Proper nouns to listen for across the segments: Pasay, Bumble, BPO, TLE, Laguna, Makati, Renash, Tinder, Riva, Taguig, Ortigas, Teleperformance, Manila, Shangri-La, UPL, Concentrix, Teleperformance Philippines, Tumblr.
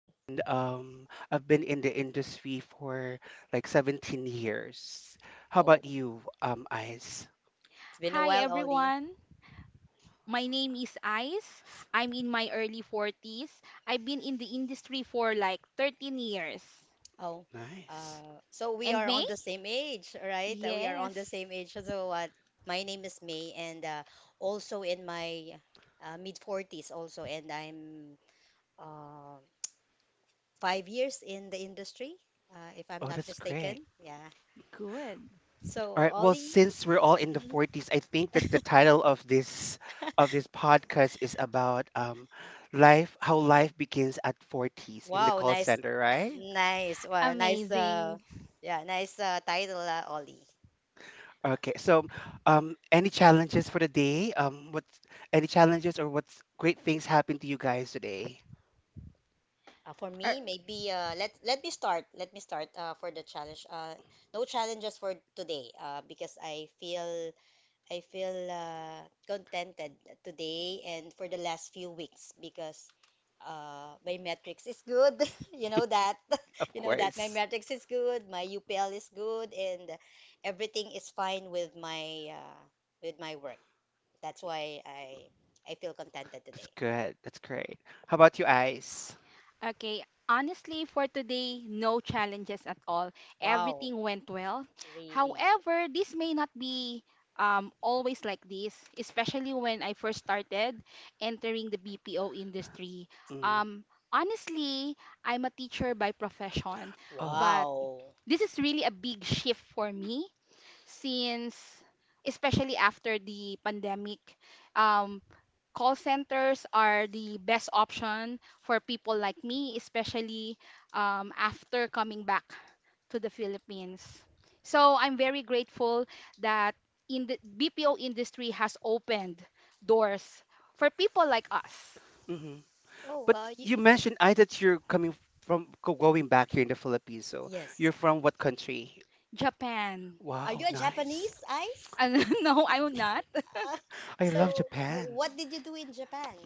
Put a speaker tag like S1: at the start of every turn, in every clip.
S1: and I've been in the industry for like 17 years. How
S2: Oh,
S1: about you, Eyes?
S2: it's been a
S3: Hi
S2: while, Ollie.
S3: everyone. My name is Ice. I'm in my early 40s. I've been in the industry for like 13 years.
S2: Oh,
S1: Nice.
S2: so we
S3: And
S2: are
S3: May?
S2: on the same age, right? We are on the
S3: Yes.
S2: same age. So what? My name is May, and also in my mid forties, also, and I'm uh, 5 years in the industry, if I'm
S1: Oh,
S2: not
S1: that's great.
S2: mistaken. Yeah.
S3: Good.
S2: So,
S1: All right. Well,
S2: Ollie.
S1: since we're all in the
S2: Mhm.
S1: 40s, I think that the title of this, of this podcast is about life, how life begins at 40s in the
S2: Wow,
S1: call
S2: nice,
S1: center, right?
S2: nice, well, nice.
S3: Amazing.
S2: Yeah, nice title, Ollie.
S1: Okay, so any challenges for the day? What's any challenges or what's great things happened to you guys today?
S2: For
S3: Er,
S2: me, maybe let me start. Let me start for the challenge. No challenges for today because I feel contented today and for the last few weeks because my metrics is good. You know that.
S1: Of
S2: You know that my
S1: course.
S2: metrics is good. My UPL is good, and everything is fine with my work. That's why I feel contented
S1: That's
S2: today.
S1: good. That's great. How about you, Ice?
S3: Okay, honestly, for today, no challenges at all.
S2: Wow,
S3: Everything went well.
S2: really.
S3: However, this may not be always like this, especially when I first started entering the BPO industry.
S2: Mm.
S1: Mm.
S3: Um, Honestly, I'm a teacher by profession,
S1: Oh,
S3: but
S2: Wow.
S3: this is really a big shift for me since, especially after the pandemic. Um, Call centers are the best option for people like me, especially after coming back to the Philippines. So I'm very grateful that in the BPO industry has opened doors for people like us.
S1: hmm.
S2: Oh,
S1: But
S2: y
S1: you mentioned, I, that you're coming from going back here in the Philippines. So
S2: yes.
S1: you're from what country?
S3: Japan.
S2: Are you
S1: Wow,
S2: a
S1: nice.
S2: Japanese, Ice?
S3: And no, I'm not.
S2: Uh,
S1: I love
S2: so, w
S1: Japan.
S2: what did you do in Japan?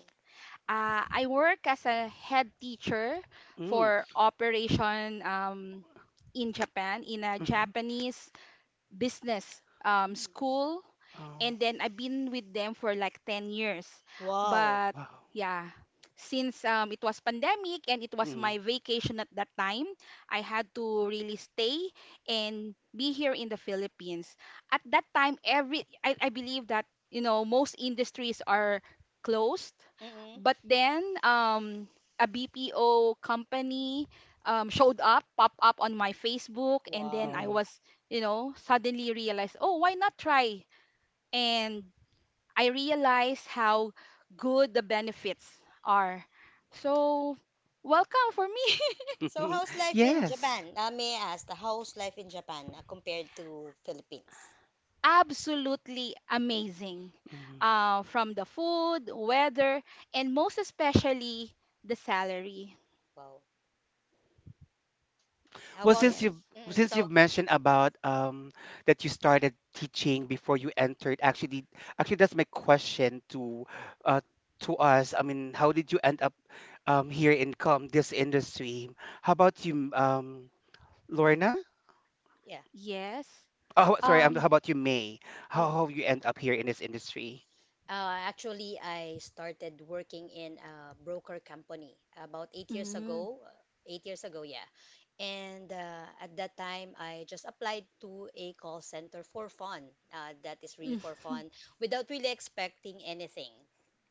S3: I work as a head teacher
S1: Mm.
S3: for operation in Japan, in a
S1: Hmm.
S3: Japanese business
S2: Mm.
S3: school,
S1: Oh,
S3: and then I've been with them for like 10 years.
S2: Wow.
S3: But
S1: wow.
S3: yeah, since it was pandemic and it was
S1: Mm.
S3: my vacation at that time, I had to really stay and be here in the Philippines. At that time, I believe that most industries are closed,
S2: Mm-mm.
S3: but then a BPO company showed up, popped up on my Facebook, and then I
S2: Wow.
S3: was suddenly realized, oh, why not try, and I realize how good the benefits are. So, welcome for me.
S2: So,
S1: Hmm.
S2: how's life in
S1: Yes.
S2: Japan? May I ask, how's life in Japan compared to Philippines?
S3: Absolutely amazing.
S1: Mm-hmm.
S3: From the food, weather, and most especially the salary.
S2: Wow. How
S1: Well,
S2: about?
S1: since you've
S3: Yes.
S2: Mm-mm.
S1: since
S2: So,
S1: you've mentioned about that you started teaching before you entered, actually, actually that's my question to uh to us. I mean, how did you end up here in com this industry? How about you, Lorna?
S2: yeah.
S3: Yes.
S1: Oh, sorry, how
S3: Um.
S1: about you, May? How
S2: Oh.
S1: how you end up here in this industry?
S2: Actually, I started working in a broker company about 8 years
S3: Mm,
S2: ago. Eight years ago, yeah. And at that time, I just applied to a call center for fun. That is really
S3: mm,
S2: for fun, without really expecting anything.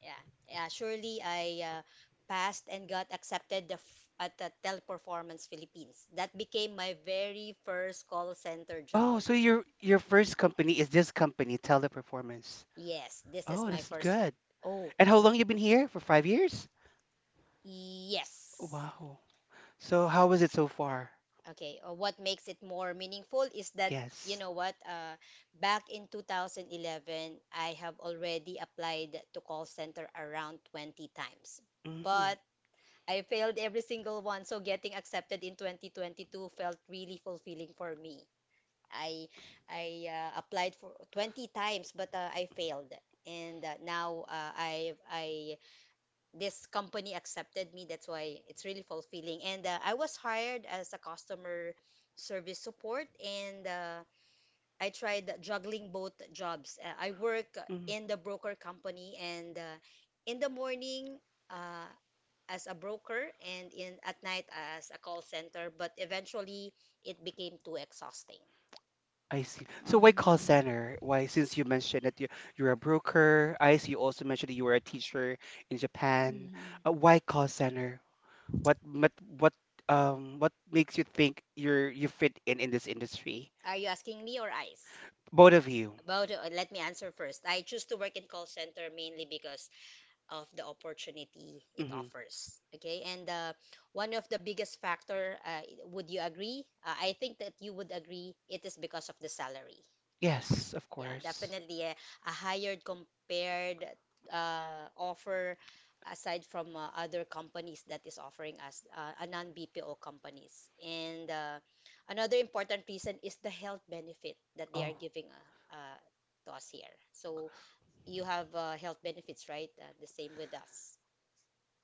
S2: Yeah. Yeah, surely I passed and got accepted at the Teleperformance Philippines. That became my very first call center
S1: Oh,
S2: job.
S1: so your first company is this company, Teleperformance.
S2: Yes, this is
S1: Oh,
S2: my
S1: that's
S2: first.
S1: good.
S2: Oh,
S1: And how long you been here? For 5 years?
S2: yes.
S1: Wow. So how was it so far?
S2: Okay, what makes it more meaningful is that, you
S1: Yes.
S2: know what, back in 2011, I have already applied to call center around 20 times,
S1: Mhm,
S2: but I failed every single one. So getting accepted in 2022 felt really fulfilling for me. I I applied for 20 times, but I failed. And now I this company accepted me. That's why it's really fulfilling. And I was hired as a customer service support, and I tried juggling both jobs. I work
S1: mhm.
S2: in the broker company, and in the morning uh, as a broker, and in at night as a call center. But eventually, it became too exhausting.
S1: I see. So why call
S3: um,
S1: center? Why, since you mentioned that you, you're a broker, I see you also mentioned that you were a teacher in Japan.
S3: mhm.
S1: Why call center? What, what, what, what makes you think you fit in this industry?
S2: Are you asking me or ICE?
S1: Both of you.
S2: About, let me answer first. I choose to work in call center mainly because of the opportunity it
S1: Hmm.
S2: offers. Okay, and one of the biggest factor, would you agree? I think that you would agree. It is because of the salary.
S1: Yes, of
S2: Yeah,
S1: course.
S2: definitely a higher compared offer aside from other companies that is offering us a non-BPO companies. And another important reason is the health benefit that they are
S1: Oh.
S2: giving to us here. So you have health benefits, right? The same with us.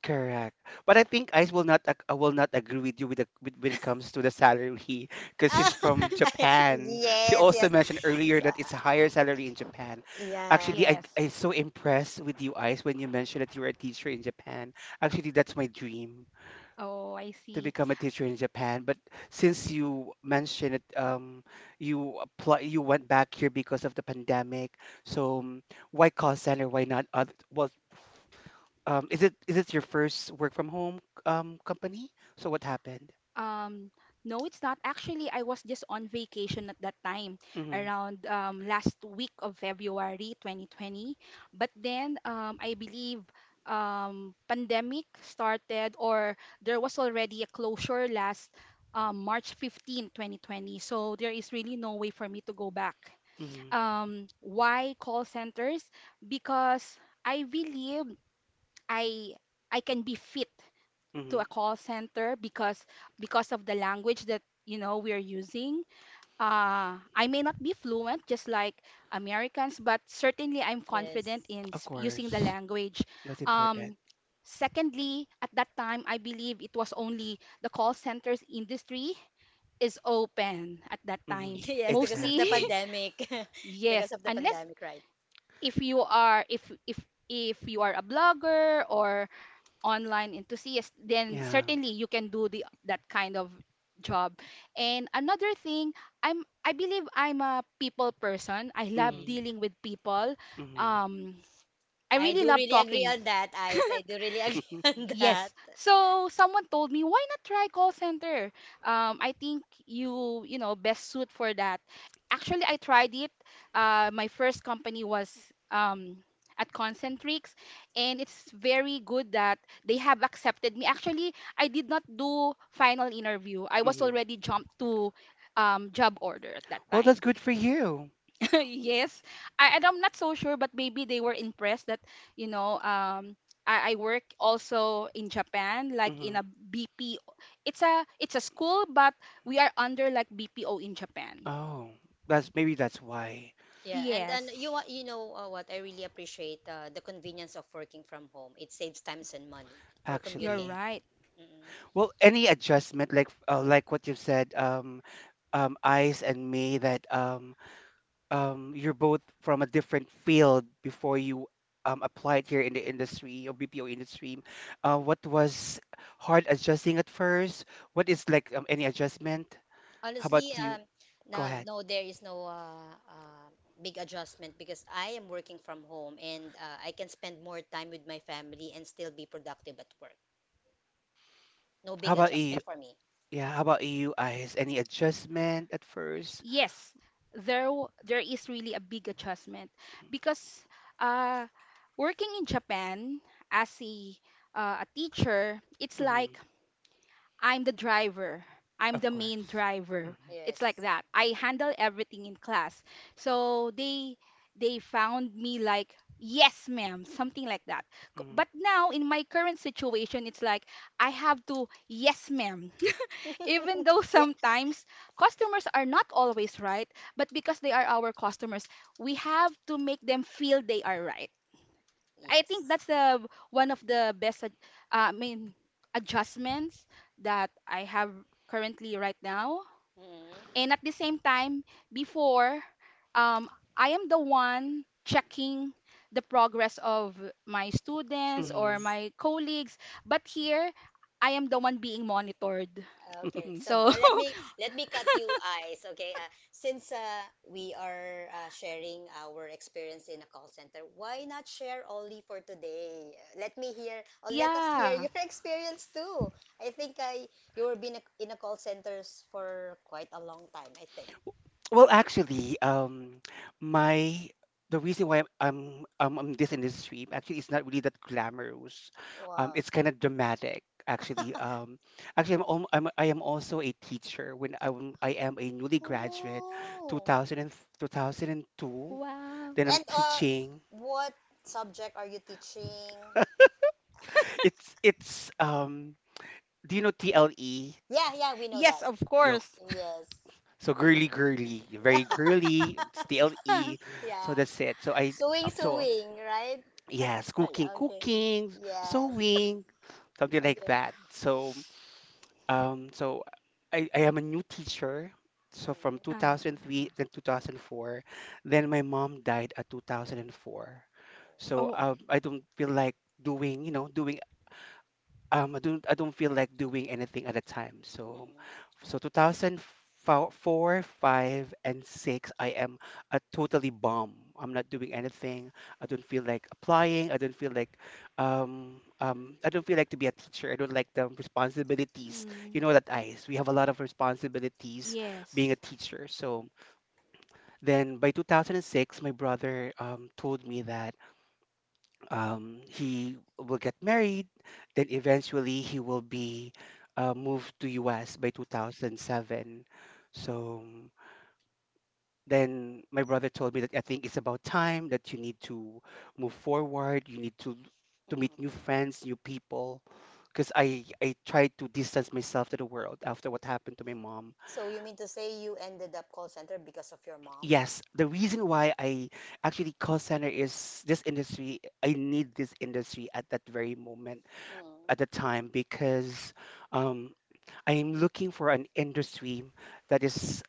S1: Correct. But I think Ice will not agree with you with, the, with when it comes to the salary because
S2: Ah,
S1: she's from Japan. She
S2: yes,
S1: also
S2: yes.
S1: mentioned earlier
S2: So,
S1: that it's a higher salary in Japan.
S2: yeah.
S1: Actually, I
S3: Yes.
S1: I'm so impressed with you, Ice, when you mentioned that you were a teacher in Japan. Actually, that's my dream
S3: Oh, I
S1: to
S3: see.
S1: become a teacher in Japan. But since you mentioned it, you went back here because of the pandemic. So why call center? Why not? Other, well, is it your first work from home company? So what happened?
S3: Um, no, it's not. Actually, I was just on vacation at that time,
S1: Mm-hmm.
S3: around last week of February 2020. But then I believe pandemic started, or there was already a closure last March 15, 2020. So there is really no way for me to go back.
S1: Mm-hmm.
S3: Why call centers? Because I believe I I can be fit to
S1: Mm-hmm.
S3: a call center because of the language that we're using. I may not be fluent, just like Americans, but certainly I'm confident
S2: Yes.
S3: in
S1: Of
S3: using the
S1: course,
S3: language.
S1: that's important.
S3: Um, Secondly, at that time, I believe it was only the call centers industry is open at that
S1: Mm-hmm.
S3: time.
S2: Yes, because of
S3: Mostly,
S2: the
S1: Exactly.
S2: pandemic.
S3: yes,
S2: Because of the
S3: unless
S2: pandemic, right?
S3: if you are if if if you are a blogger or online enthusiast, then
S1: Yeah.
S3: certainly you can do the that kind of job. And another thing, I believe I'm a people person. I love
S1: Mm-hmm.
S2: Mhm.
S3: dealing with people.
S1: Mm-hmm.
S3: Um, I
S2: I
S3: really
S2: do
S3: love
S2: really agree
S3: talking.
S2: on that, Ice. I do really agree on that.
S3: Yes. So someone told me, why not try call center? I think you, you know, best suit for that. Actually, I tried it. My first company was um, at Concentrix, and it's very good that they have accepted me. Actually, I did not do final interview. I was
S1: Mm-hmm.
S3: already jumped to job order at that
S1: Well, that's
S3: time.
S1: good for you.
S3: Yes, I and I'm not so sure, but maybe they were impressed that you know um I work also in Japan, like in
S1: Mm-hmm.
S3: a BPO. It's a school, but we are under like BPO in Japan.
S1: Oh, that's maybe that's why
S2: Yeah, and
S3: Yes,
S2: you know what? I really appreciate the convenience of working from home. It saves times and money for
S3: you're
S2: commuting.
S1: actually.
S3: right.
S1: Well, any adjustment like what you've said, Ice and me that you're both from a different field before you applied here in the industry or BPO industry. What was hard adjusting at first? What is like any adjustment? How about
S2: Honestly,
S1: you? Go
S2: no,
S1: ahead.
S2: no, there is no big adjustment because I am working from home and I can spend more time with my family and still be productive at work. No
S1: How
S2: big
S1: about you?
S2: adjustment for me.
S1: Yeah, how about you, Eyes? Any adjustment at 1st?
S3: Yes, there is really a big adjustment because uh working in Japan as a teacher. It's
S1: Mm-hmm.
S3: like I'm the driver. I'm
S1: Of
S3: the main
S1: course.
S3: driver. It's like
S2: Yes.
S3: that. I handle everything in class. So they found me like yes ma'am, something like that.
S1: Mm-hmm.
S3: But now in my current situation, it's like I have to yes ma'am even though
S2: Yeah.
S3: sometimes customers are not always right, but because they are our customers, we have to make them feel they are right. I think
S2: Yes.
S3: that's the one of the best I mean adjustments that I have currently right now.
S2: Mhm.
S3: And at the same time, before, um, I am the one checking the progress of my students or
S1: Mm-hmm.
S2: Students.
S3: my colleagues. But here, I am the one being monitored.
S2: Okay, so
S3: So,
S2: but let me cut you eyes. Okay, since we are sharing our experience in a call center, why not share only for today? Let me hear or let us hear
S3: yeah.
S2: your experience too. I think, I you were been in a call centers for quite a long time. I think.
S1: Well, actually, my the reason why I'm this industry actually, it's not really that glamorous.
S2: Wow.
S1: It's kind of dramatic, actually. Actually, I'm, al- I'm I am also a teacher when I am a newly graduate, two
S2: Oh.
S1: thousand and two thousand and two.
S3: Wow.
S1: Then I'm
S2: And
S1: teaching.
S2: what subject are you teaching?
S1: It's it's. Do you know TLE?
S2: Yeah, yeah, we know
S3: Yes,
S2: that.
S3: of
S1: Yo,
S3: course.
S2: Yes.
S1: so girly, very girly. It's TLE. So
S2: Yeah.
S1: that's it. So I
S2: Suing,
S1: so.
S2: suing, right?
S1: Yes,
S2: Yeah, okay.
S1: cooking,
S2: Yes.
S1: sewing, something like
S2: Okay.
S1: that. So, I am a new teacher. So from
S2: Mm.
S1: 2003
S3: Ah.
S1: then 2004, then my mom died at 2004.
S2: Oh.
S1: So
S3: Oh,
S1: I don't feel like doing, you know, doing I don't feel like doing anything at a time. So
S2: Mm-mm.
S1: so 2004, 5 and 6, I am a totally bomb. I'm not doing anything. I don't feel like applying. I don't feel like to be a teacher. I don't like the responsibilities. You
S3: mm,
S1: know that, eyes. We have a lot of responsibilities being a
S3: yes.
S1: teacher. So then by 2006 my brother told me that he will get married. Then eventually he will be moved to US by 2007. So then my brother told me that I think it's about time that you need to move forward. You need to meet new
S2: Mm-mm.
S1: friends, new people. Because I tried to distance myself to the world after what happened to my mom.
S2: So you mean to say you ended up call center because of your mom?
S1: Yes, the reason why I actually call center is this industry. I need this industry at that very moment
S2: Mm.
S1: at the time because um, I'm looking for an industry that is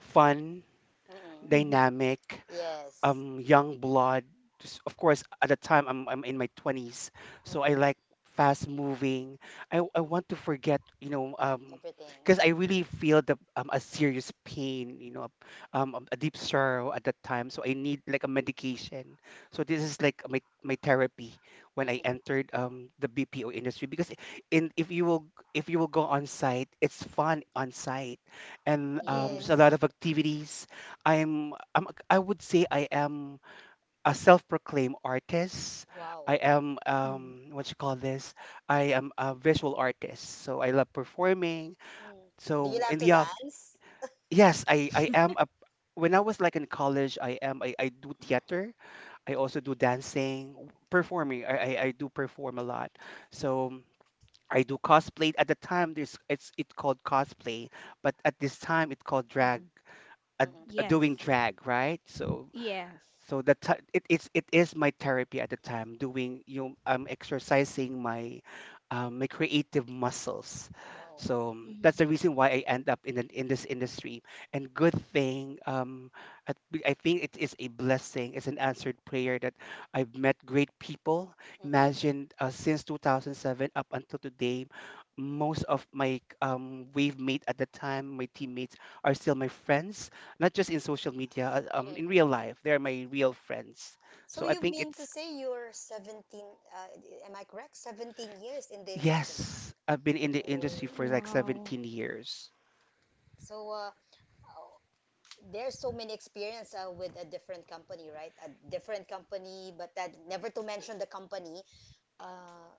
S1: fun,
S2: Mm-mm.
S3: Mm-hmm.
S1: dynamic,
S2: Yes.
S1: young blood. Just of course at the time I'm in my 20s, so I
S2: Mm-mm.
S1: like fast moving. I want to forget,
S2: Everything.
S1: because I really feel the, a serious pain, a deep sorrow at that time, so I need like a medication, so this is like my therapy when I
S2: Mm-mm.
S1: entered the BPO industry. Because in if you will go on site, it's fun on site, and there's a lot
S2: Yes.
S3: Yes.
S1: of activities. I would say I am a self-proclaimed artist. I
S2: Wow.
S1: am,
S3: Mm.
S1: what you call this? I am a visual artist. So I love performing.
S2: Mm. Do you
S1: So
S2: love
S1: in
S2: to
S1: the off,
S2: dance?
S1: yes, I am a when I was like in college, I am, I do theater. I also do dancing, performing. I do perform a lot. So I do cosplay at the time. There's it called cosplay, but at this time it's called drag.
S3: Hmm.
S1: Uh,
S2: Mm-mm.
S1: doing
S3: Yes.
S1: drag, right? So
S3: Yes.
S1: so that it is my therapy at the time, doing, I'm exercising my, my creative muscles.
S2: Wow.
S1: So that's the
S3: Mhm.
S1: reason why I end up in in this industry. And good thing, I think it is a blessing. It's an answered prayer that I've met great people.
S2: Mm-mm.
S1: Imagine, since 2007 up until today, most of my, wave mate at the time, my teammates, are still my friends, not just in social media, in
S2: Mm-mm.
S1: real life. They're my real friends.
S2: So
S1: So I
S2: you
S1: think
S2: mean to
S1: it's,
S2: say you're 17, am I correct? 17 years in the industry.
S1: yes, I've been in the industry
S2: Oh.
S1: for like
S3: Wow.
S1: 17 years.
S2: So there's so many experience with a different company, right? A different company, but that never to mention the company. Uh,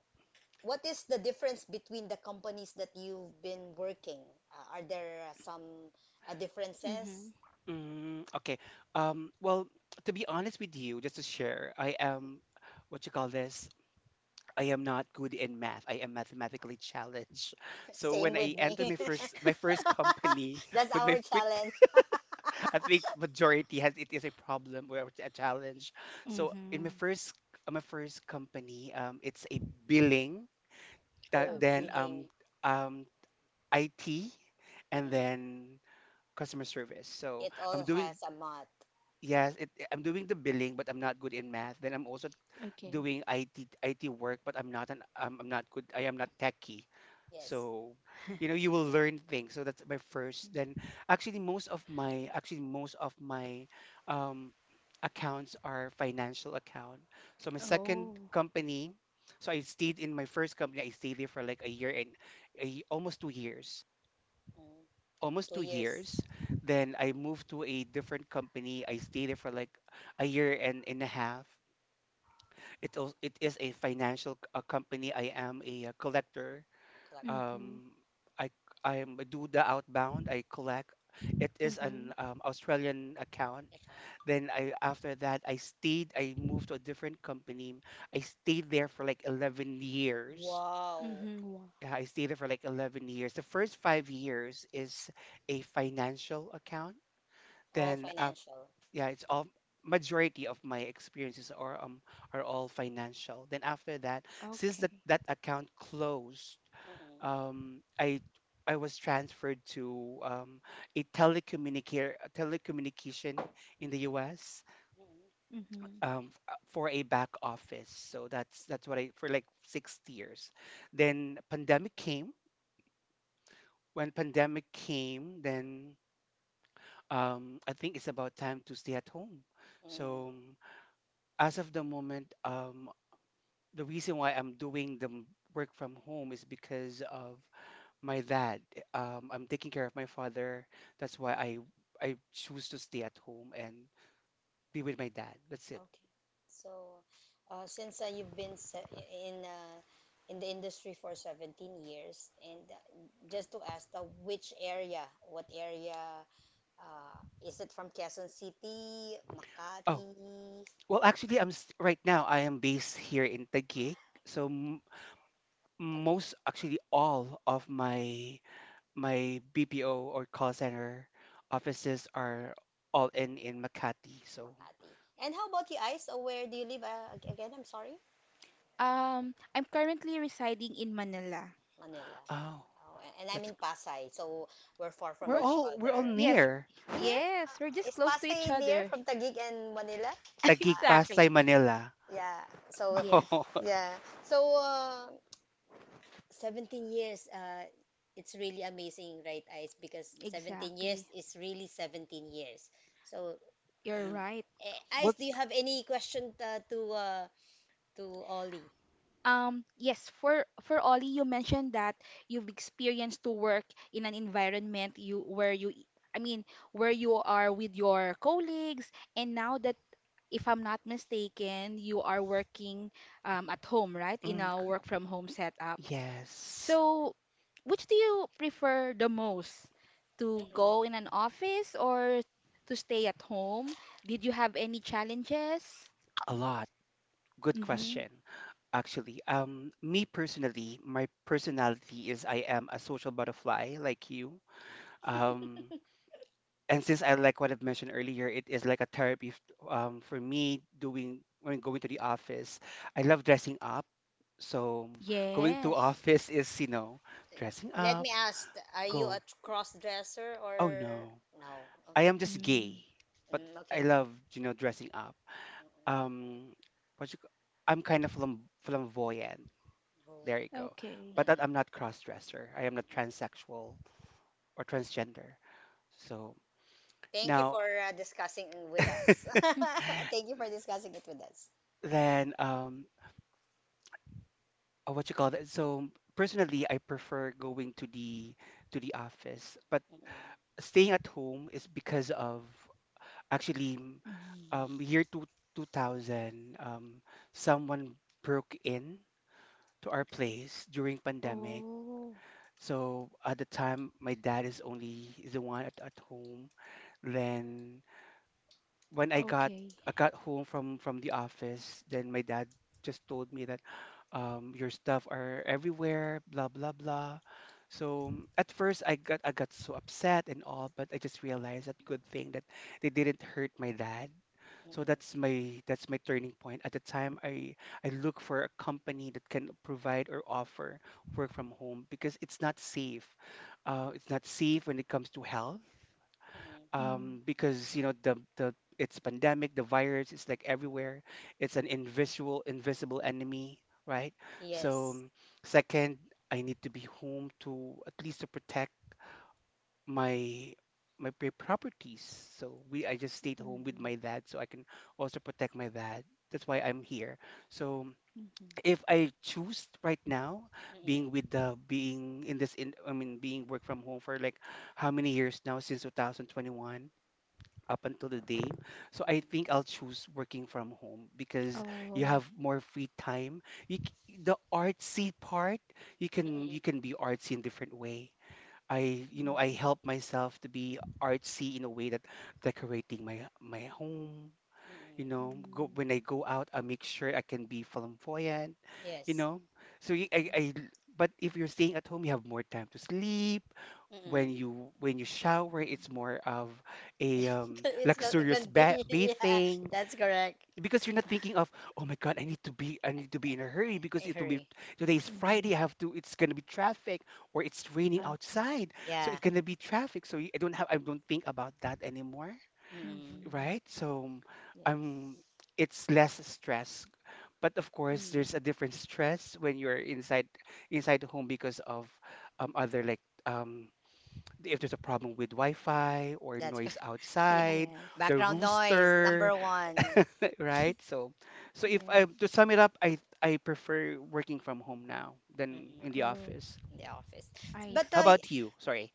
S2: what is the difference between the companies that you've been working? Are there some
S3: Mm-hmm.
S2: differences?
S1: Mm, okay. Well, to be honest with you, just to share, I am, what you call this? I am not good in math. I am mathematically challenged. So
S2: Same
S1: when
S2: with
S1: I
S2: me.
S1: enter my first my first company
S2: That's
S1: with my
S2: our
S1: with
S2: challenge.
S1: I think majority has it, is a problem or a challenge. So in my
S3: Mm-hmm.
S1: first company, it's a billing, that
S2: Oh,
S1: then
S3: Okay.
S2: billing.
S1: um IT, and
S2: Mm-mm.
S1: then customer service. So
S2: It
S1: I'm
S2: all
S1: doing,
S2: has a month.
S1: yes, it, I'm doing the billing, but I'm not good in math. Then I'm also
S3: Okay.
S1: doing IT work, but I'm not an I'm not good. I am not techie,
S2: Yes.
S1: so you know you will learn things. So that's my first. Then actually most of my, um, accounts are financial account. So my second
S3: Oh.
S1: company. So I stayed in my first company. I stayed there for like a year and almost 2 years.
S2: Mm-mm.
S1: Almost
S2: Two
S1: two
S2: years
S1: years. Then I moved to a different company. I stayed there for like a year and a half. It also, it is a financial company. I am a, collector.
S2: collector
S3: Mm-hmm.
S1: Um, I I am a do the outbound. I collect. It is an,
S3: Mm-hmm.
S1: Australian account.
S2: account.
S1: Then I after that I stayed. I moved to a different company. I stayed there for like 11 years.
S2: Wow.
S3: Mm-hmm. Wow.
S1: Yeah, I stayed there for like 11 years. The first 5 years is a financial account.
S2: All
S1: Then
S2: financial.
S1: yeah, it's all, majority of my experiences are, are all financial. Then after that, since that
S3: Okay.
S1: that account closed,
S2: Mm-mm.
S1: um i I was transferred to, a telecommunication in the US,
S2: Mm,
S3: Mm-hmm.
S1: for a back office. So that's what I for like 6 years. Then pandemic came. When pandemic came, then I think it's about time to stay at home.
S2: mm,
S1: So as of the moment, the reason why I'm doing the, work from home is because of my dad. I'm taking care of my father. That's why I choose to stay at home and be with my dad. That's it.
S2: okay. So, since you've been in uh, in the industry for 17 years, and just to ask, what area, uh, is it from Quezon City,
S1: Oh,
S2: Makati,
S1: well, actually, right now, I am based here in Taguig, so m
S2: Taguig,
S1: most, actually all of my, BPO or call center offices are all in Makati. So,
S2: Makati? And how about you, Ice? Where do you live again? I'm sorry,
S3: I'm currently residing in Manila.
S2: Manila.
S1: oh,
S2: Oh, and I'm
S1: that's,
S2: in Pasay, so we're far
S1: we're
S2: from
S3: We're
S2: each
S1: all, we're all
S2: other.
S3: Yes.
S1: near.
S2: Near?
S3: Yes, we're
S2: Uh,
S3: just
S2: is
S3: close to
S2: Pasay
S3: each
S2: near
S3: other.
S2: from Taguig and Manila?
S1: Taguig,
S2: Uh,
S1: Pasay,
S3: Exactly.
S1: Manila.
S2: Yeah. So
S3: Yes.
S1: Oh,
S2: yeah. So 17 years it's really amazing, right, Ice? Because 17 years
S3: Exactly.
S2: is really 17 years. So
S3: You're
S2: um,
S3: right.
S2: Ice, do
S1: what's
S2: you have any question to Ollie?
S3: Yes, for Ollie, you mentioned that you've experienced to work in an environment you where you I mean where you are with your colleagues, and now that, if I'm not mistaken, you are working at home, right? In
S1: mm,
S3: a
S1: good-
S3: work from home setup.
S1: yes,
S3: So, which do you prefer the most? To
S2: Mm-mm.
S3: go in an office or to stay at home? Did you have any challenges?
S1: a lot. Good
S3: Mm-hmm.
S1: question. Actually, me personally, my personality is I am a social butterfly like you. Um, and since I like what I've mentioned earlier, it is like a therapy, for me, doing when going to the office. I love dressing up. So going to
S3: Yes.
S1: office is, dressing
S2: Let
S1: up,
S2: me ask, are you a
S1: go.
S2: cross dresser
S1: Oh
S2: or
S1: no.
S2: no?
S1: I
S2: Okay.
S1: am just
S3: Mm.
S1: gay, but
S2: Mm,
S1: I
S2: okay.
S1: love, dressing up.
S2: Mm-mm.
S1: um what you, c- I'm kind of flamboyant.
S2: No.
S1: There you go.
S3: Okay.
S1: But that I'm
S2: Mm-mm.
S1: not cross dresser. I am not
S2: Mm-mm.
S1: transsexual or
S2: Okay.
S1: transgender. So
S2: Thank you
S1: now
S2: for discussing with us. Thank you for discussing it with us.
S1: then what you call that? So personally I prefer going to the office, but
S2: Mm-mm.
S1: staying at home is because of actually m-
S3: Mm, mm.
S1: year two, 2000 someone broke in to our place during pandemic.
S3: Oh,
S1: So at the time, my dad is only the one at home. Then when
S3: okay.
S1: I got home from the office, then my dad just told me that your stuff are everywhere, blah blah blah. So at first I got so upset and all, but I just realized that good thing that they didn't hurt my dad. So
S2: Mm-mm.
S1: that's my turning point. At the time, I look for a company that can provide or offer work from home because it's not safe. It's not safe when it comes to health,
S2: Mm-mm.
S3: Mm,
S1: because the it's pandemic, the virus, it's like everywhere. It's an invisible enemy, right? So,
S2: Yes.
S1: second, I need to be home to at least to protect my properties. So we I just stayed home with
S3: mhm,
S1: my dad so I can also protect my dad. That's why I'm here. So
S3: mhm.
S1: if I choose right now, being
S2: Mm-mm.
S1: with the being in this in I mean being work from home for like how many years now since 2021 up until the day. So I think
S2: Mm-mm.
S1: I'll choose working from home because you
S3: Oh,
S1: have more free time. The artsy part, you
S2: Mm-mm.
S1: can be artsy in different way. I, I
S3: mhm,
S1: help myself to be artsy in a way that decorating my home.
S2: Mm-mm.
S3: mhm,
S1: Go
S3: mhm,
S1: when I go out, I make sure I can be flamboyant, you
S2: Yes.
S1: know so I, but if you're staying at home you have more time to sleep. when
S2: Mm-mm.
S1: you when you shower it's more of a,
S2: It's
S1: luxurious
S2: convenient. Yeah,
S1: bathing,
S2: that's correct.
S1: because you're not thinking of, oh my god, I need to be in a hurry, because
S2: I
S1: it will be,
S2: hurry.
S1: today's
S3: mhm.
S1: friday, I have to it's going to be traffic, or it's raining
S3: Okay.
S1: outside, so it's
S2: Yeah.
S1: going to be traffic, so I don't think about that anymore,
S2: Mm-mm.
S3: Mhm.
S1: right? So um
S3: Yes.
S1: it's less stress. But of course,
S3: Mm.
S1: there's a different stress when you're inside the home because of, other like, um, if there's a problem with Wi-Fi or
S2: that's co-
S1: noise
S2: yeah.
S1: outside,
S3: Yes.
S1: the
S2: Background noise
S1: rooster,
S2: number one.
S1: right? So if I
S3: Yes.
S1: to sum it up, I prefer working from home now than
S2: Mm-mm.
S1: in the
S3: Oh,
S1: office.
S2: In the office.
S3: I
S2: But
S1: How
S3: see.
S1: about you? Sorry.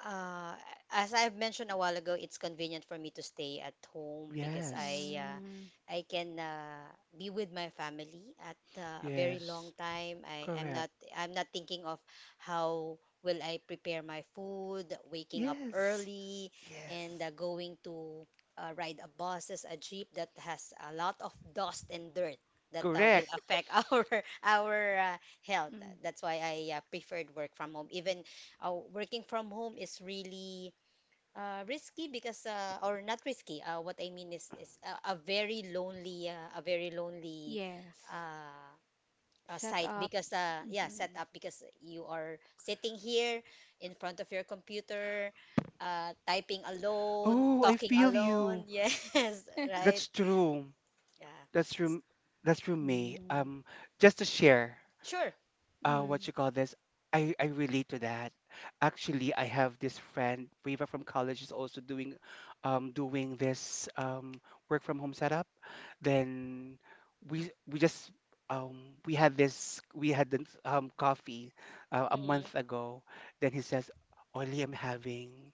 S2: Uh, as I've mentioned a while ago, it's convenient for me to stay at home because
S1: Yes.
S2: I uh,
S3: Mm.
S2: I can be with my family at a very long
S1: Yes.
S2: time. I i am
S1: Correct.
S2: not I'm not thinking of how will I prepare my food, waking up
S1: Yes.
S2: early, and
S1: Yes.
S2: going to ride a buses, a jeep that has a lot of dust and dirt that will
S1: Correct.
S2: affect our health.
S3: Mm.
S2: That's why I preferred work from home, even working from home is really risky because or not risky. What I mean is a very lonely
S3: Yes.
S2: uh,
S3: Set
S2: site
S3: up.
S2: because yeah
S3: Mhm.
S2: setup because you are sitting here in front of your computer, typing alone,
S1: Oh, I
S2: talking
S1: feel
S2: alone.
S1: you.
S2: Yes, right.
S1: That's true.
S2: Yeah,
S1: That's true. That's true, May.
S3: Mm.
S1: Just to share,
S2: sure.
S3: Mm.
S1: what you call this, I relate to that. Actually, I have this friend, Riva from college, is also doing, doing this work from home setup. Then we just we had this coffee a
S2: Mm-mm.
S1: month ago. Then he says, "Only I'm having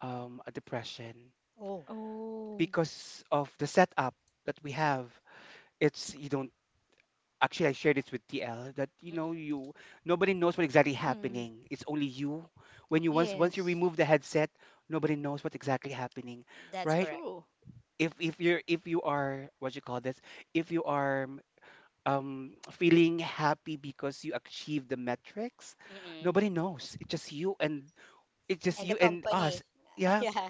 S1: a depression,"
S2: Oh,
S3: Oh.
S1: because of the setup that we have. It's you don't actually I shared this with TL that, you know
S2: mm-mm.
S1: you nobody knows what exactly
S3: Mm.
S1: happening. It's only you. When you Once once you
S3: Yes.
S1: remove the headset, nobody knows what's exactly happening,
S2: That's
S1: right?
S2: correct.
S3: True.
S1: If you are what you call this, if you are feeling happy because you achieved the metrics,
S2: Mm-mm.
S1: nobody knows. It's just you, and
S2: And the
S1: us.
S2: company.
S1: Yeah,
S2: Yeah,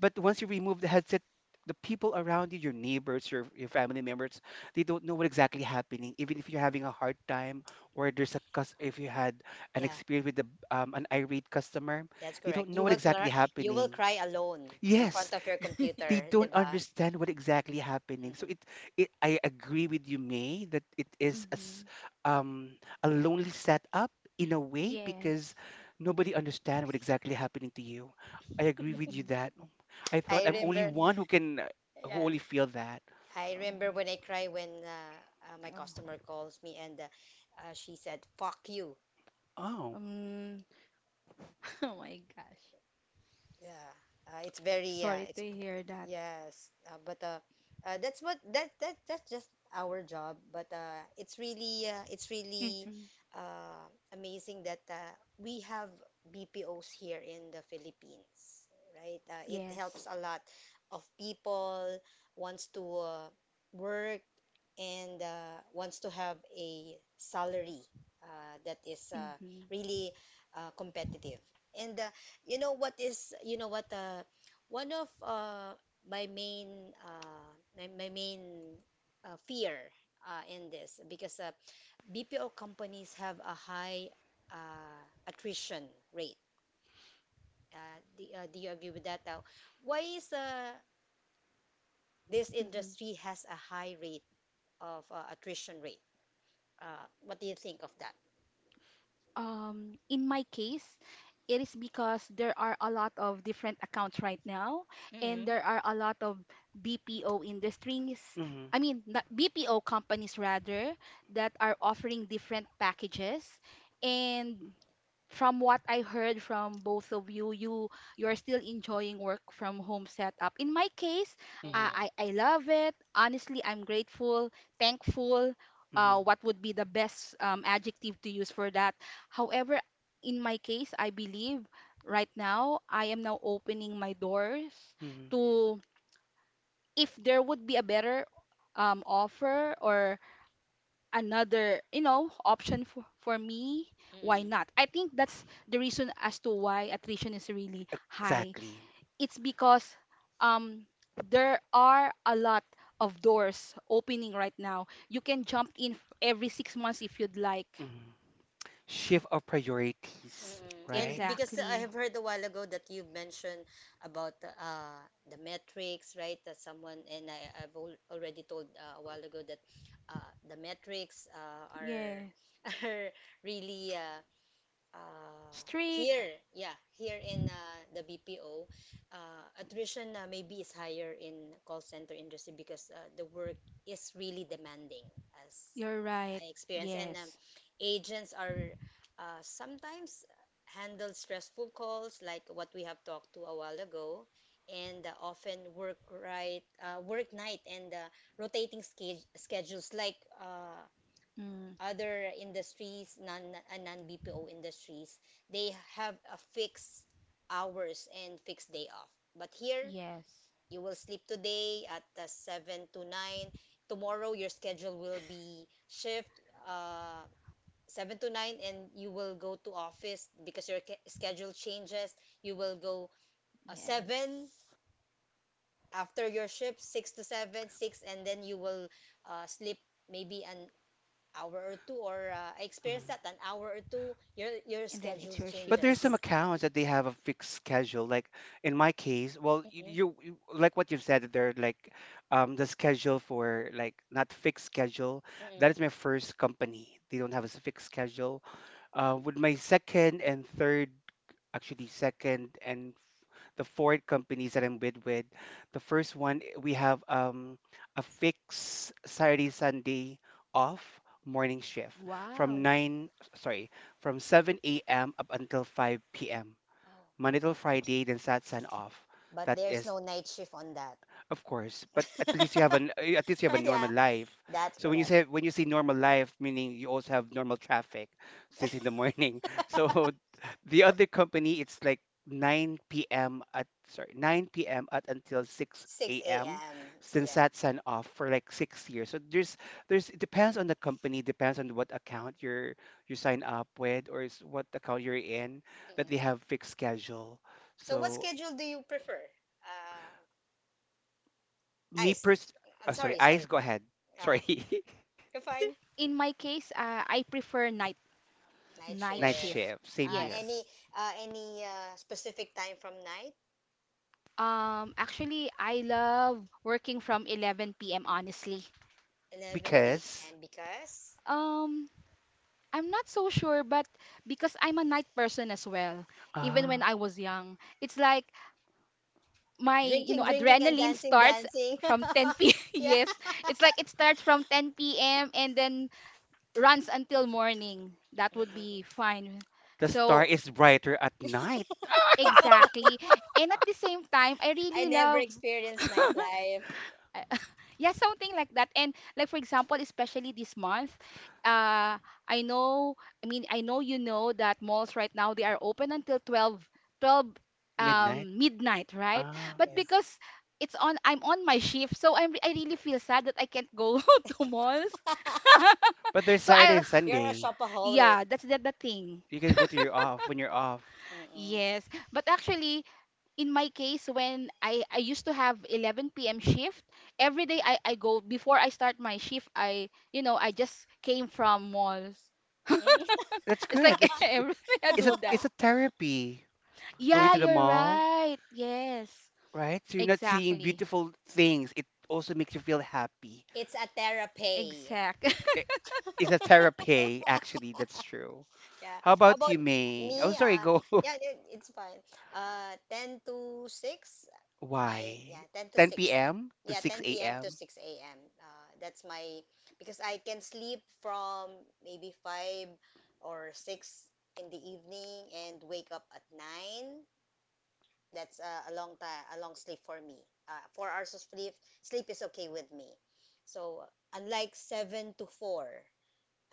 S1: but once you remove the headset, the people around you, your neighbors, your family members, they don't know what exactly happening. Even if you're having a hard time, or there's a if you had an
S2: yeah.
S1: experience with an irate customer,
S2: That's
S1: they don't
S2: correct.
S1: know what exactly
S2: You will
S1: happening.
S2: cry alone in
S1: Yes,
S2: front of your
S1: they
S2: computer, 'di
S1: don't
S2: ba?
S1: understand what exactly happening. So
S2: Mm-mm.
S1: it I agree with you, May, that it is a,
S3: Mm-hmm.
S1: um, a lonely setup in a way
S3: Yes.
S1: because nobody understand what exactly happening to you. I agree with you
S3: Hmm.
S1: that I thought
S2: I
S1: I'm
S3: I
S1: only
S2: remember,
S1: one
S3: see.
S1: who can who
S2: yeah,
S1: only feel that.
S2: I remember
S3: Oh,
S2: when I cry when my
S3: oh,
S2: customer calls me and she said, "Fuck you."
S1: Oh.
S3: um, oh my gosh.
S2: Yeah, it's very,
S3: Sorry
S2: it's.
S3: to hear that.
S2: Yes, but that's what that that that's just our job. But it's really uh, it's
S3: Mm.
S2: really
S3: Mm,
S2: uh, amazing that we have BPOs here in the Philippines, right? It helps
S3: yes.
S2: a lot of people wants to work and wants to have a salary that is
S3: Mm-hmm.
S2: really competitive. And you know what one of my main uh, my main fear in this because BPO companies have a high uh, attrition rate. Do you agree with that? Now, why is this
S3: Mm-hmm.
S2: industry has a high rate of attrition rate? Uh, what do you think of that?
S3: In my case, it is because there are a lot of different accounts right now, and
S2: Mm-hmm.
S3: there are a lot of BPO industries.
S1: Mm-hmm.
S3: I mean, not BPO companies rather, that are offering different packages, and from what I heard from both of you, you're still enjoying work from home setup. In my case,
S1: Mm-hmm.
S2: Mm-mm.
S3: I love it. Honestly, I'm grateful, thankful.
S1: Mm-hmm.
S3: What would be the best adjective to use for that? However, in my case, I believe right now I am now opening my doors
S1: Mm-hmm.
S2: Mm-mm.
S3: to, if there would be a better offer or another option for me, why
S2: Mm-mm.
S3: not? I think that's the reason as to why attrition is really high.
S1: Exactly.
S3: It's because um there are a lot of doors opening right now. You can jump in every 6 months if you'd like.
S1: Mm-hmm. Shift of priorities,
S2: Mm-mm. And
S1: right?
S2: because I
S3: Exactly.
S2: have heard a while ago that you mentioned about the metrics, right? That someone and I, I've al already told a while ago that the metrics are
S3: Yes.
S2: are really uh,
S3: Streak.
S2: here, yeah, here in the BPO, attrition maybe is higher in call center industry because the work is really demanding, as
S3: You're right.
S2: I experience, and
S3: Yes.
S2: agents are sometimes handle stressful calls like what we have talked to a while ago, and often work right, work night and rotating schedules like. Uh,
S3: Mm,
S2: other industries, non BPO industries, they have a fixed hours and fixed day off. But here,
S3: yes.
S2: you will sleep today at 7 to 9. Tomorrow, your schedule will be shift uh, 7 to 9 and you will go to office because your schedule changes. You will go 7
S3: Yes.
S2: after your shift, 6 to 7, 6, and then you will sleep maybe an hour or two, or I
S1: hmm
S2: experienced that an hour or two, your
S3: And then it's
S2: schedule
S3: your
S1: But
S3: shift
S1: there's some
S3: again.
S2: changes.
S1: accounts that they have a fixed schedule. Like in my case, well,
S2: Mm-mm.
S1: you like what you've said that they're like, the schedule for like not fixed schedule. That
S2: Mm-mm.
S1: is my first company. They don't have a fixed schedule. With my second and third, actually second and the four companies that I'm with. The first one, we have a fixed Saturday Sunday off morning shift from
S3: Wow.
S1: 9 sorry from 7 a.m. up until 5 p.m.
S2: Oh.
S1: Monday till Friday then Saturday off.
S2: But
S1: That
S2: there's
S1: is
S2: no night shift on that.
S1: Of course, but at least you have an, at least you have a
S2: Yeah,
S1: normal life.
S2: that's
S1: So when you
S2: correct.
S1: say when you see normal life, meaning you also have normal traffic since in the morning. So the other company, it's like 9 p.m. at sorry 9 p.m. at until 6
S2: 6
S1: a.m.
S2: a.m.
S1: since
S2: Yeah.
S1: that's an off for like 6 years. So there's it depends on the company, depends on what account you sign up with or is what account you're in that they
S2: Mm-mm.
S1: have fixed schedule.
S2: So what
S1: So
S2: schedule do you prefer?
S1: me
S2: Ice.
S1: pers-
S2: I'm
S1: sorry,
S2: sorry,
S1: eyes
S2: sorry.
S1: go ahead.
S2: Uh,
S1: Sorry.
S2: you're fine.
S3: In my case, I prefer night.
S2: Night
S3: Night
S1: Night
S2: shift.
S3: shift.
S1: shift. Same
S2: Uh,
S1: here.
S2: any
S3: Yes.
S2: any specific time from night?
S3: Actually, I love working from 11 p.m. honestly.
S2: 11
S1: Because
S2: p.m. Because.
S3: Um, I'm not so sure, but because I'm a night person as well, even
S2: Mm.
S3: when
S1: ah,
S3: I was young, it's like my,
S2: Drinking, drinking, and
S3: adrenaline
S2: dancing,
S3: starts
S2: dancing.
S3: from 10 p.
S2: yeah,
S3: Yes, it's like it starts from 10 p.m. and then runs until morning. That would
S2: Mhm.
S3: be fine.
S1: the star
S3: So,
S1: is brighter at night,
S3: exactly. And at the same time, I
S2: I
S3: really
S2: never
S3: love
S2: experienced nightlife.
S3: I- yeah, something like that. And like, for example, especially this month, uh i know I mean I know that malls right now, they are open until 12, 12,
S1: midnight.
S3: midnight, right? But
S1: Yeah.
S2: Yes.
S3: because it's on I'm on my shift, so I really feel sad that I can't go to malls.
S1: But there's
S3: so
S1: Saturday
S3: I
S1: and
S2: You're a
S1: Sunday.
S2: shopaholic.
S3: Yeah, that's the thing.
S1: You can go to your off when you're off.
S2: Mm-mm.
S3: Yes, but actually, in my case, when I used to have 11 p.m. shift, every day I go before I start my shift. I you know I just came from malls.
S2: Mm.
S1: That's
S3: It's
S1: good.
S3: like everything I do that.
S1: It's a therapy. Going
S2: Yeah,
S3: Yeah,
S1: to the
S3: you're
S1: mall,
S3: right. Yes,
S1: right? So you're not seeing
S3: exactly.
S1: beautiful things. It also makes you feel happy.
S2: it's a therapy.
S3: exact
S1: I- It's a therapy, actually. That's true.
S2: Yeah.
S1: How
S2: How
S1: about
S2: about
S1: you, May? Oh,
S2: me?
S1: sorry. Go.
S2: Yeah, it's fine. 10 to 6, my, yeah,
S1: Why?
S2: 10 to
S1: 10
S2: 6.
S1: p.m. to
S2: Yeah,
S1: 6
S2: 10 p.m. to
S1: a.m.
S2: 6 a.m. That's my, because I can sleep from maybe 5 or 6 in the evening and wake up at 9. That's a long time, a long sleep for me. 4 hours of sleep, sleep is okay with me. So, unlike 7 to 4.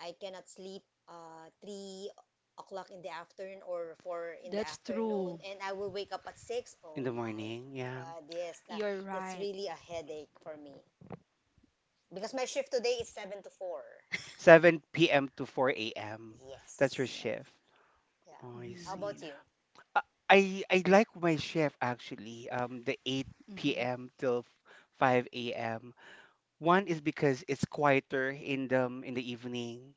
S2: I cannot sleep 3 o'clock in the afternoon or 4 in the
S3: That's
S2: afternoon,
S3: true.
S2: and I will wake up at 6.
S1: in
S2: Oh
S1: the
S2: my
S1: morning. Yeah.
S2: God, yes,
S3: You're
S2: it's
S3: right.
S2: really a headache for me. Because my shift today is 7 to 4.
S1: 7 p.m. to 4 a.m. That's your
S2: Yes.
S3: Yes.
S1: shift.
S2: Yeah.
S1: Oh, I
S2: How
S1: see.
S2: about
S3: Hmm.
S2: you?
S1: I like my shift actually. The 8
S3: Hmm.
S1: p.m. till 5 a.m. One is because it's quieter in the, evening.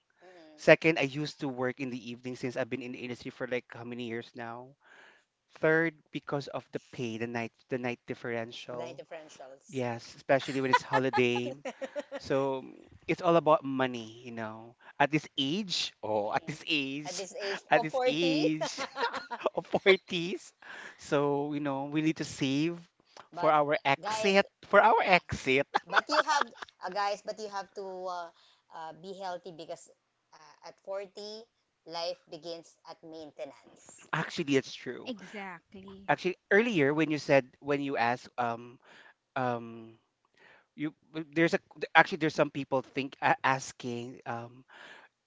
S1: Second, I used to work in the evening since I've been in the industry for like how many years now. Third, because of the pay, the night
S2: Mm-mm. Night
S1: differential.
S2: differentials.
S1: Yes, especially when it's holiday. So, it's all about money, you know. At this age, oh, at
S2: Mm-mm.
S1: this
S2: At
S1: age,
S2: this age
S1: at
S2: of
S1: this
S2: 40.
S1: age of 40s. So, we need to save
S2: But guys,
S1: for our exit.
S2: But you have, but you have to be healthy because at 40, life begins at maintenance.
S1: Actually, it's true.
S3: Exactly.
S1: Actually,
S2: Uh,
S1: earlier when when you asked, um, there's a, actually there's some people think asking, um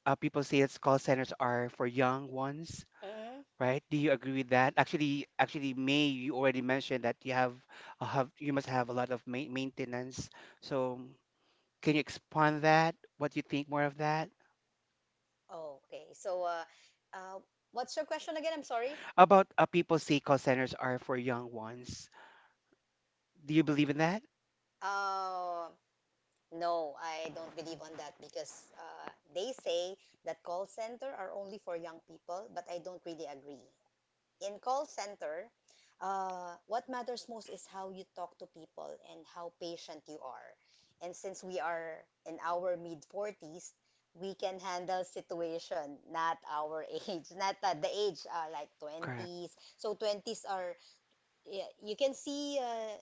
S1: uh, people say it's call centers are for young ones.
S2: mm
S1: Right? Do you agree with that? Actually, May, you already mentioned that you must have a lot of ma maintenance. So, can you expand that? What do you think more of that?
S2: Okay. So, uh, what's your question again? I'm sorry.
S1: How about people say call centers are for young ones. Do you believe in that?
S2: Uh, no, I don't believe on that because they say that call center are only for young people, but I don't really agree. In call center, what matters most is how you talk to people and how patient you are. And since we are in our mid 40s, we can handle situation not our age, not at the age like
S1: Correct.
S2: 20s. So 20s are, yeah, you can see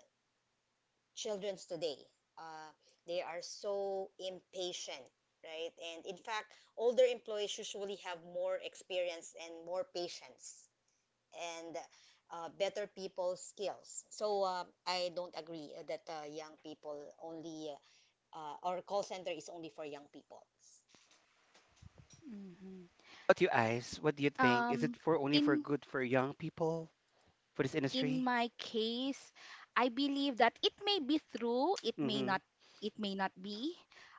S2: childrens today. Uh, they are so impatient, right? And in fact, older employees usually have more experience and more patience and better people skills. So I don't agree that young people only our call center is only for young people.
S1: What do you guys? What do you think? Is it
S3: um
S1: for only for
S3: in
S1: good for young people for this
S3: in
S1: industry?
S3: my case, I believe that it may be true,
S1: Mm-hmm.
S3: it may not be.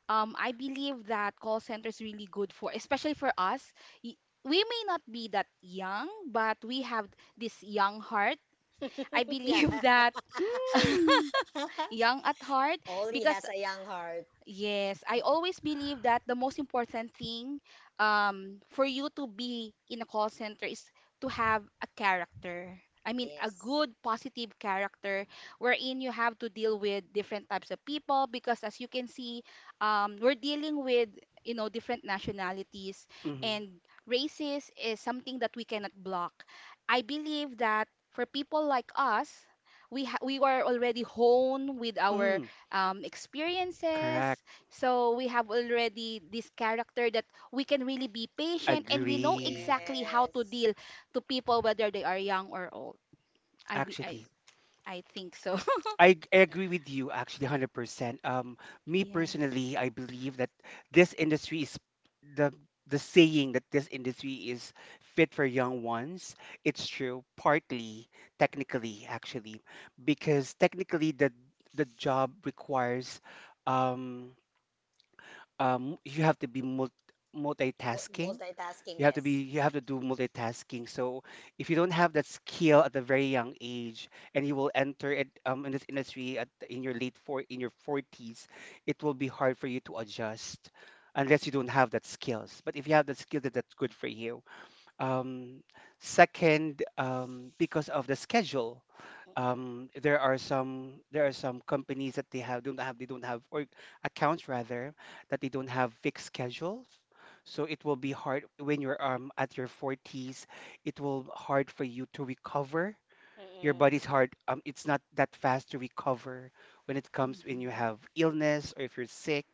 S3: I believe that call center is really good for, especially for us. We may not be that young, but we have this young heart. I
S2: yeah,
S3: believe that
S1: Mm.
S3: young at heart
S2: only
S3: because.
S2: has a young heart.
S3: Yes, I always believe that the most important thing for you to be in a call center is to have a character. I mean, a
S2: Yes,
S3: good, positive character, wherein you have to deal with different types of people because, as you can see, we're dealing with, you know, different nationalities
S1: Mm.
S3: and races is something that we cannot block. I believe that for people like us, we are already honed with our
S1: Mm.
S3: experiences.
S1: Correct.
S3: So we have already this character, that we can really be patient and we know
S1: Agree.
S3: exactly how to
S2: yes.
S3: deal to people, whether they are young or old. I
S1: Actually,
S3: I think so.
S1: I
S2: Mm.
S1: agree with you actually 100%. Me
S3: Yes.
S1: personally, I believe that, this industry is the the saying that this industry is fit for young ones. It's true, partly, technically, actually, because technically the job requires, um, you have to be multitasking,
S2: Multitasking, yes.
S1: you have to do multitasking. So if you don't have that skill at a very young age and you will enter it, in this industry at in your late four in your 40s, it will be hard for you to adjust unless you don't have that skills. But if you have that skill, that's good for you. Um, Second, because of the schedule
S2: Mm-mm.
S1: there are some companies that they don't have, or accounts rather, that they don't have fixed schedules. So it will be hard when you're at your 40s. It will hard for you to recover. Your
S2: Mm-mm.
S1: body's hard, it's not that fast to recover when it comes when you have illness or if you're sick.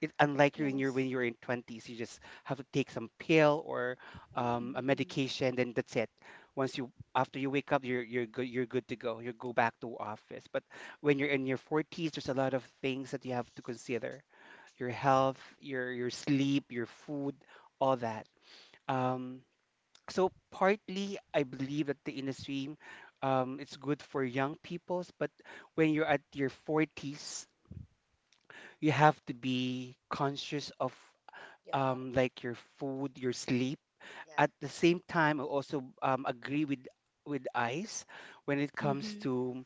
S1: It's unlike you when
S3: Yes.
S1: you're in 20s, you just have to take some pill or
S2: Mm-mm.
S1: a
S3: Hmm.
S1: medication, then that's it. Once you, after you wake up, you're good, you're good to go, you go back to office. But when you're in your 40s, there's a lot of things that you have to consider: your health, your sleep, your food, all that. um so partly I believe that the industry, it's good for young peoples. But when you're at your 40s, you have to be conscious of,
S2: Your health,
S1: like your food, your sleep.
S2: yeah,
S1: At the same time I also agree with ice when it comes
S3: Hmm.
S1: to,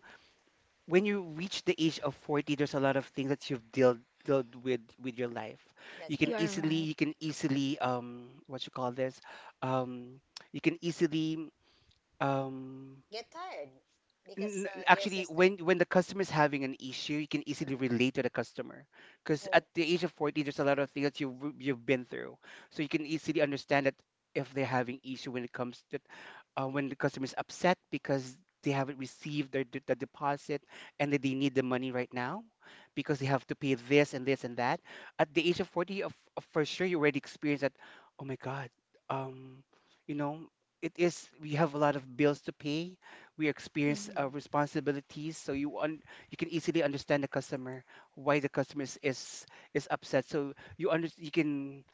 S1: when you reach the age of 40, there's a lot of things that you've dealt with your life.
S2: that's
S1: You can
S2: correct.
S3: You're
S1: easily,
S3: right.
S1: you can easily what you call this um you can easily um
S2: Get tired because your
S1: actually,
S2: system.
S1: when the customer is having an issue, you can easily
S2: Mm-mm.
S1: relate to the customer, because at
S2: Oh,
S1: the age of 40 there's a lot of things you've been through. So you can easily understand that. If they're having issue when it comes to, when the customer is upset because they haven't received their the deposit, and that they need the money right now because they have to pay this and this and that. At the age of 40, of for sure you already experienced that. Oh my god. um you know, it is, we have a lot of bills to pay, we experience
S3: Hmm.
S1: responsibilities. So you you can easily understand the customer why the customer is upset. So you you can,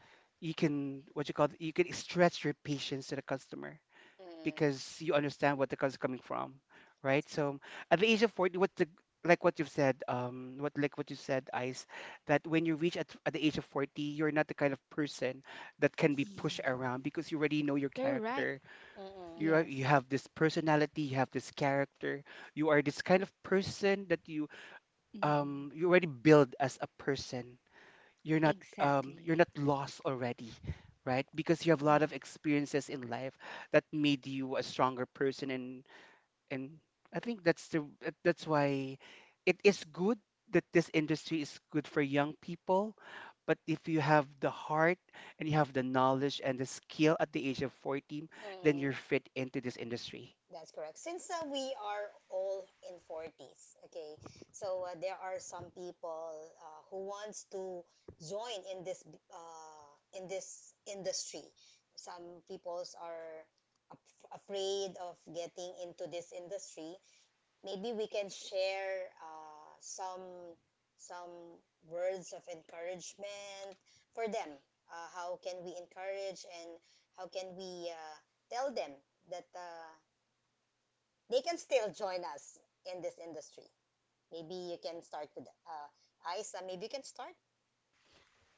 S1: you can what you call it, you can stretch your patience to the customer
S2: mm-mm.
S1: because you understand what the customer is coming from,
S2: That's
S1: right? So at the age of 40, what the like what you've said, what like what you said, ice, that when you reach at the age of 40, you're not the kind of person that can be pushed around because you already know your
S3: You're right.
S1: character.
S2: correct. Mm-mm.
S1: You are, you
S3: Yes.
S1: have this personality, you have this character. You are this kind of person that you,
S3: Hmm.
S1: you already build as a person. You're not,
S3: Exactly.
S1: you're not lost already, right? Because you have a lot of
S3: Yes.
S1: experiences in life that made you a stronger person. And I think that's the, that's why it is good, that this industry is good for young people. But if you have the heart, and you have the knowledge and the skill at the age of 14, then
S2: Mm-mm.
S1: you're fit into this industry.
S2: That's correct. Since we are all in 40s, okay, so there are some people who wants to join in this in this industry. Some peoples are afraid of getting into this industry. Maybe we can share some some words of encouragement for them. How can we encourage and how can we tell them that they can still join us in this industry. Maybe you can start with Isa. Maybe you can start.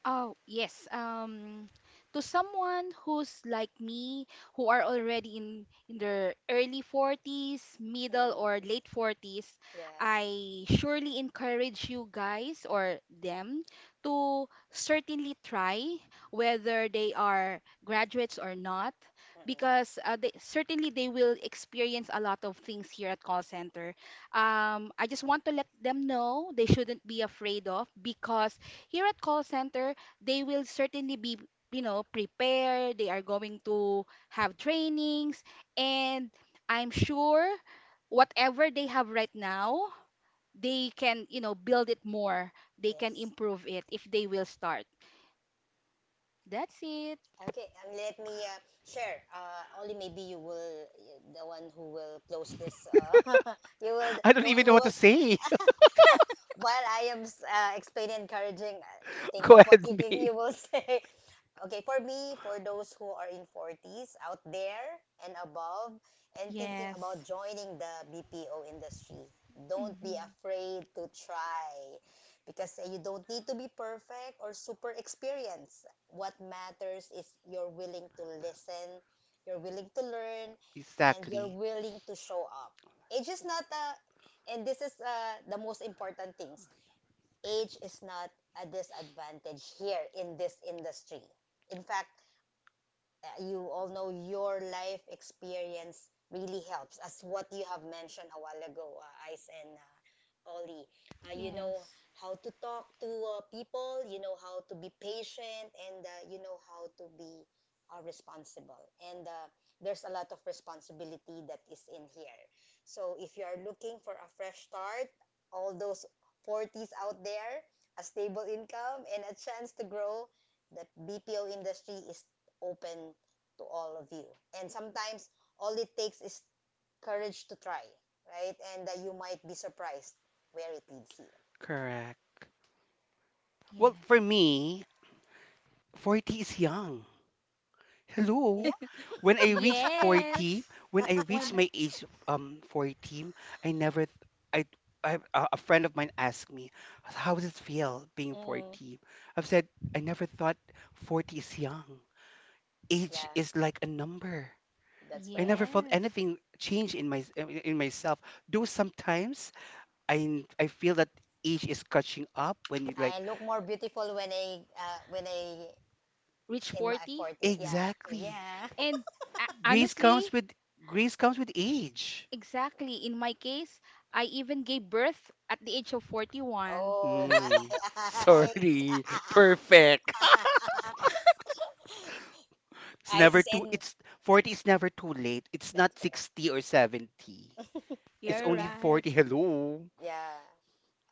S3: Oh, yes. To someone who's like me, who are already in their early 40s, middle or
S2: Mm.
S3: late 40s,
S2: Yeah.
S3: I surely encourage you guys or them to certainly try, whether they are graduates or not,
S2: Mm-mm.
S3: because certainly they will experience a lot of things here at call center. I just want to let them know they shouldn't be afraid of, because here at call center they will certainly be prepared. They are going to have trainings, and I'm sure whatever they have right now, they can build it more. They can
S2: Yes.
S3: improve it if they will start. That's it.
S2: Okay. Let me share. Only maybe you will the one who will close this. You will
S1: I don't
S2: the one
S1: even
S2: who
S1: know what to
S2: will
S1: say.
S2: uh, while I am explaining encouraging. Think
S1: Go
S2: of what
S1: ahead,
S2: you
S1: me.
S2: you will say. Okay, for me, for those who are in 40s out there and above and thinking about
S3: Yes.
S2: joining the BPO industry, don't be
S3: Hmm.
S2: afraid to try because you don't need to be perfect or super experienced. What matters is you're willing to listen, you're willing to learn, and you're
S1: Exactly.
S2: willing to show up. It's just not a, and this is the most important things. Age is not a disadvantage here in this industry. In fact, you all know your life experience really helps as what you have mentioned a while ago, Ice and Ollie, you know
S3: Yes.
S2: how to talk to people, you know how to be patient and you know how to be responsible, and there's a lot of responsibility that is in here. So if you are looking for a fresh start, all those 40s out there, a stable income and a chance to grow, the BPO industry is open to all of you. And sometimes all it takes is courage to try, right? And you might be surprised where it leads you.
S1: Correct. Well, for
S3: Yes.
S1: me, 40 is young.
S2: Yeah.
S1: Hello. When I reach 40,
S3: Yes,
S1: when I
S3: why
S1: reach my
S3: not?
S1: age 40, I never I I, a friend of mine asked me, "How does it feel being
S2: Mm,
S1: 40?" I've said, "I never thought 40 is young. Age
S2: yeah,
S1: is like a number."
S2: that's
S1: I
S2: correct.
S1: never felt
S3: Yes,
S1: anything change in my, in myself. Though sometimes I feel that age is catching up when you
S2: I
S1: like,
S2: look more beautiful when I
S3: reach
S2: in my
S3: 40.
S2: 40. Yeah.
S1: exactly.
S2: Yeah.
S3: And
S1: Grace comes
S3: honestly.
S1: with, grace comes with age.
S3: Exactly. In my case, I even gave birth at the age of 41.
S2: Oh,
S1: Mm,
S2: my
S1: sorry. Perfect.
S2: eyes.
S1: It's
S2: Eyes
S1: never
S2: is
S1: too
S2: in.
S1: it's 40 is never too late. It's
S2: That's
S1: not
S2: correct.
S1: 60 or 70. It's
S2: That's
S3: You're
S1: only
S2: correct.
S3: right.
S1: 40. Hello.
S2: Yeah.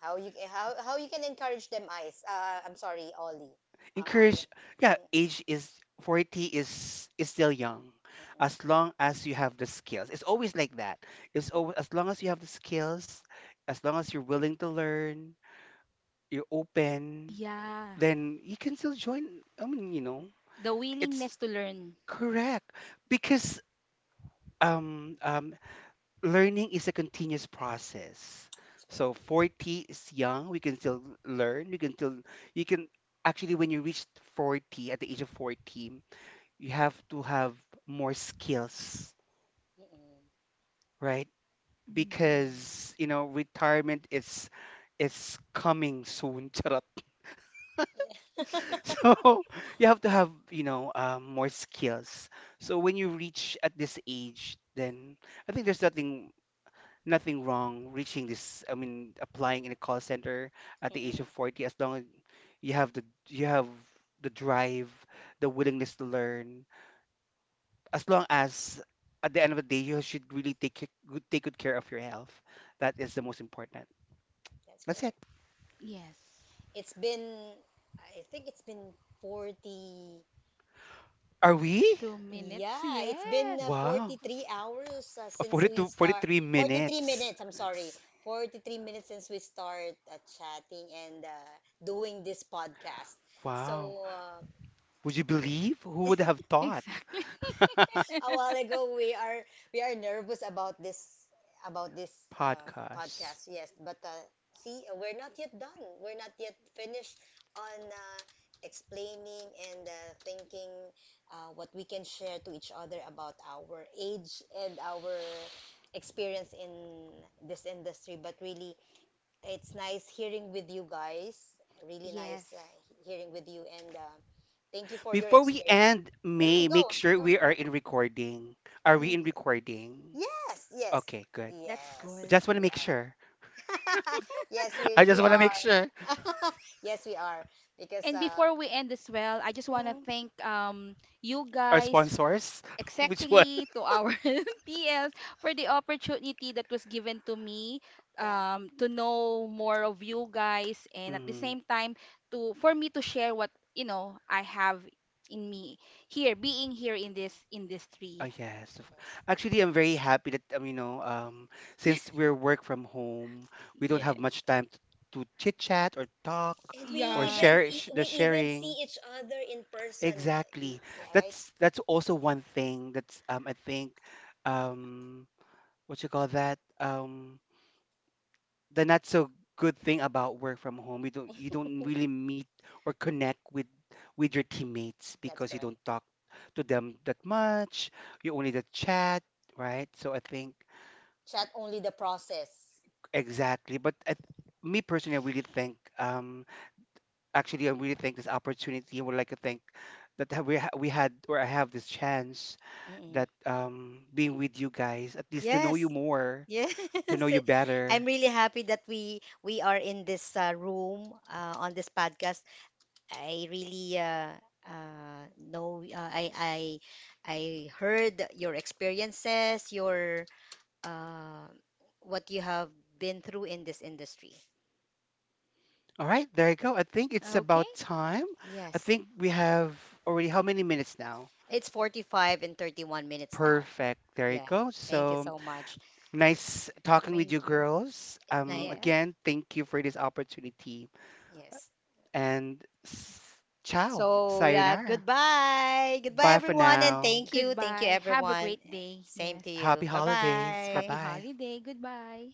S2: how you can encourage them, Ice? I'm sorry, Ollie, on.
S1: Encourage, yeah,
S2: Mm,
S1: age is, 40 is still young.
S2: mm-mm,
S1: As long as you have the skills. It's always like that. It's always, as long as you have the skills, as long as you're willing to learn, you're open,
S3: Yeah,
S1: then you can still join. I mean, you know,
S3: the
S1: it's
S3: willingness to learn.
S1: correct because um, um, learning is a continuous process.
S2: that's correct.
S1: So 40 is young. We can still learn. We can still, you can, actually, when you reach 40, at the age of 40, you have to have more skills,
S2: Mm-mm.
S1: right?
S3: Mhm.
S1: Because, you know, retirement is coming soon. Charot. So you have to have, you know, more skills. So when you reach at this age, then I think there's nothing, nothing wrong reaching this, I mean, applying in a call center at the age of
S2: mm-mm,
S1: 40, as long as you have the, you have the drive, the willingness to learn. As long as at the end of the day you should really take good, take good care of your health. That is the most important.
S2: that's
S1: That's it.
S2: correct.
S3: Yes.
S2: It's been, I think it's been 40.
S1: Are we?
S3: 2 minutes.
S2: Yeah, it's been
S3: Yes.
S1: Wow.
S2: 43 hours since we
S1: 42,
S2: start.
S1: 43
S2: 43
S1: minutes.
S2: minutes, I'm sorry.
S1: That's,
S2: 43 minutes since we start chatting and doing this podcast.
S1: wow.
S2: So
S1: Would you believe, who would have thought?
S3: Exactly.
S2: a while ago, we are nervous about this, about this
S1: Podcast.
S2: podcast, yes. But see, we're not yet done, we're not yet finished on explaining and thinking what we can share to each other about our age and our experience in this industry. But really, it's nice hearing with you guys, really nice
S3: Yes,
S2: hearing with you, and thank you for your
S1: Before we
S2: experience.
S1: end,
S2: Mm,
S1: May, make sure
S2: go,
S1: we are in recording. Are we
S2: go.
S1: in recording?
S2: Yes, yes,
S1: Okay, good.
S3: that's
S2: yes,
S3: good.
S1: Just want to
S2: we
S1: make
S2: are.
S1: sure.
S2: Yes, we
S1: I just
S2: we
S1: want to make
S2: are.
S1: sure.
S2: Yes, we are. Because
S3: And before we end as well, I just want to
S2: mm,
S3: thank you
S1: Our
S3: guys,
S1: sponsors, which one?
S3: exactly, to our TLs for the opportunity that was given to me,
S2: yeah,
S3: to know more of you guys, and at the
S1: Mm.
S3: same time to for me to share what you know I have in me here, being here in this
S1: Oh,
S3: industry.
S1: yes.
S2: yes.
S1: Actually, I'm very happy that, you know, since we're work from home, we don't
S3: Yeah.
S1: have much time to chit chat or talk
S2: And we
S1: or
S3: Yeah.
S2: even
S1: share
S2: e-
S1: the
S2: we even see
S1: sharing.
S2: each other in person.
S1: Exactly.
S2: Yeah, right.
S1: That's also one thing that's, I think, um what you call that, the not so good thing about work from home, you don't, you don't really meet or connect with your teammates
S2: That's
S1: because you
S2: correct.
S1: don't talk to them that much. You only the chat, right? So I think,
S2: Chat only the process.
S1: exactly. But I, me personally, I really think, actually I really think this opportunity. I would like to thank that, we had, or I have this chance
S2: Mm-mm.
S1: that, being with you guys, at least to know you
S2: Yes.
S1: more,
S2: Yes.
S1: to know you
S2: I'm
S1: better.
S2: really happy that we are in this room on this podcast. I really know. I heard your experiences, your uh, what you have been through in this industry.
S1: All right, there you go. I think it's
S3: Okay.
S1: about time. I
S2: Yes,
S1: think we have already, how many minutes now?
S2: it's 45 and 31 minutes now.
S1: Perfect. There you
S2: Yeah,
S1: go.
S2: thank you
S1: So
S2: so much.
S1: nice talking with you
S3: Thank you.
S1: girls.
S2: Ni-
S3: Yes.
S1: Again, thank you for this opportunity.
S2: yes.
S1: And ciao.
S2: So yeah,
S1: Sayonara.
S2: goodbye, goodbye
S1: Bye for
S2: everyone, and
S1: now.
S2: thank you
S3: Goodbye. Have a
S2: everyone.
S3: great day.
S2: Same to
S3: Yes.
S1: Happy
S2: you. Bye
S1: holidays. Bye
S3: Happy
S2: bye.
S1: bye.
S3: holiday. Goodbye.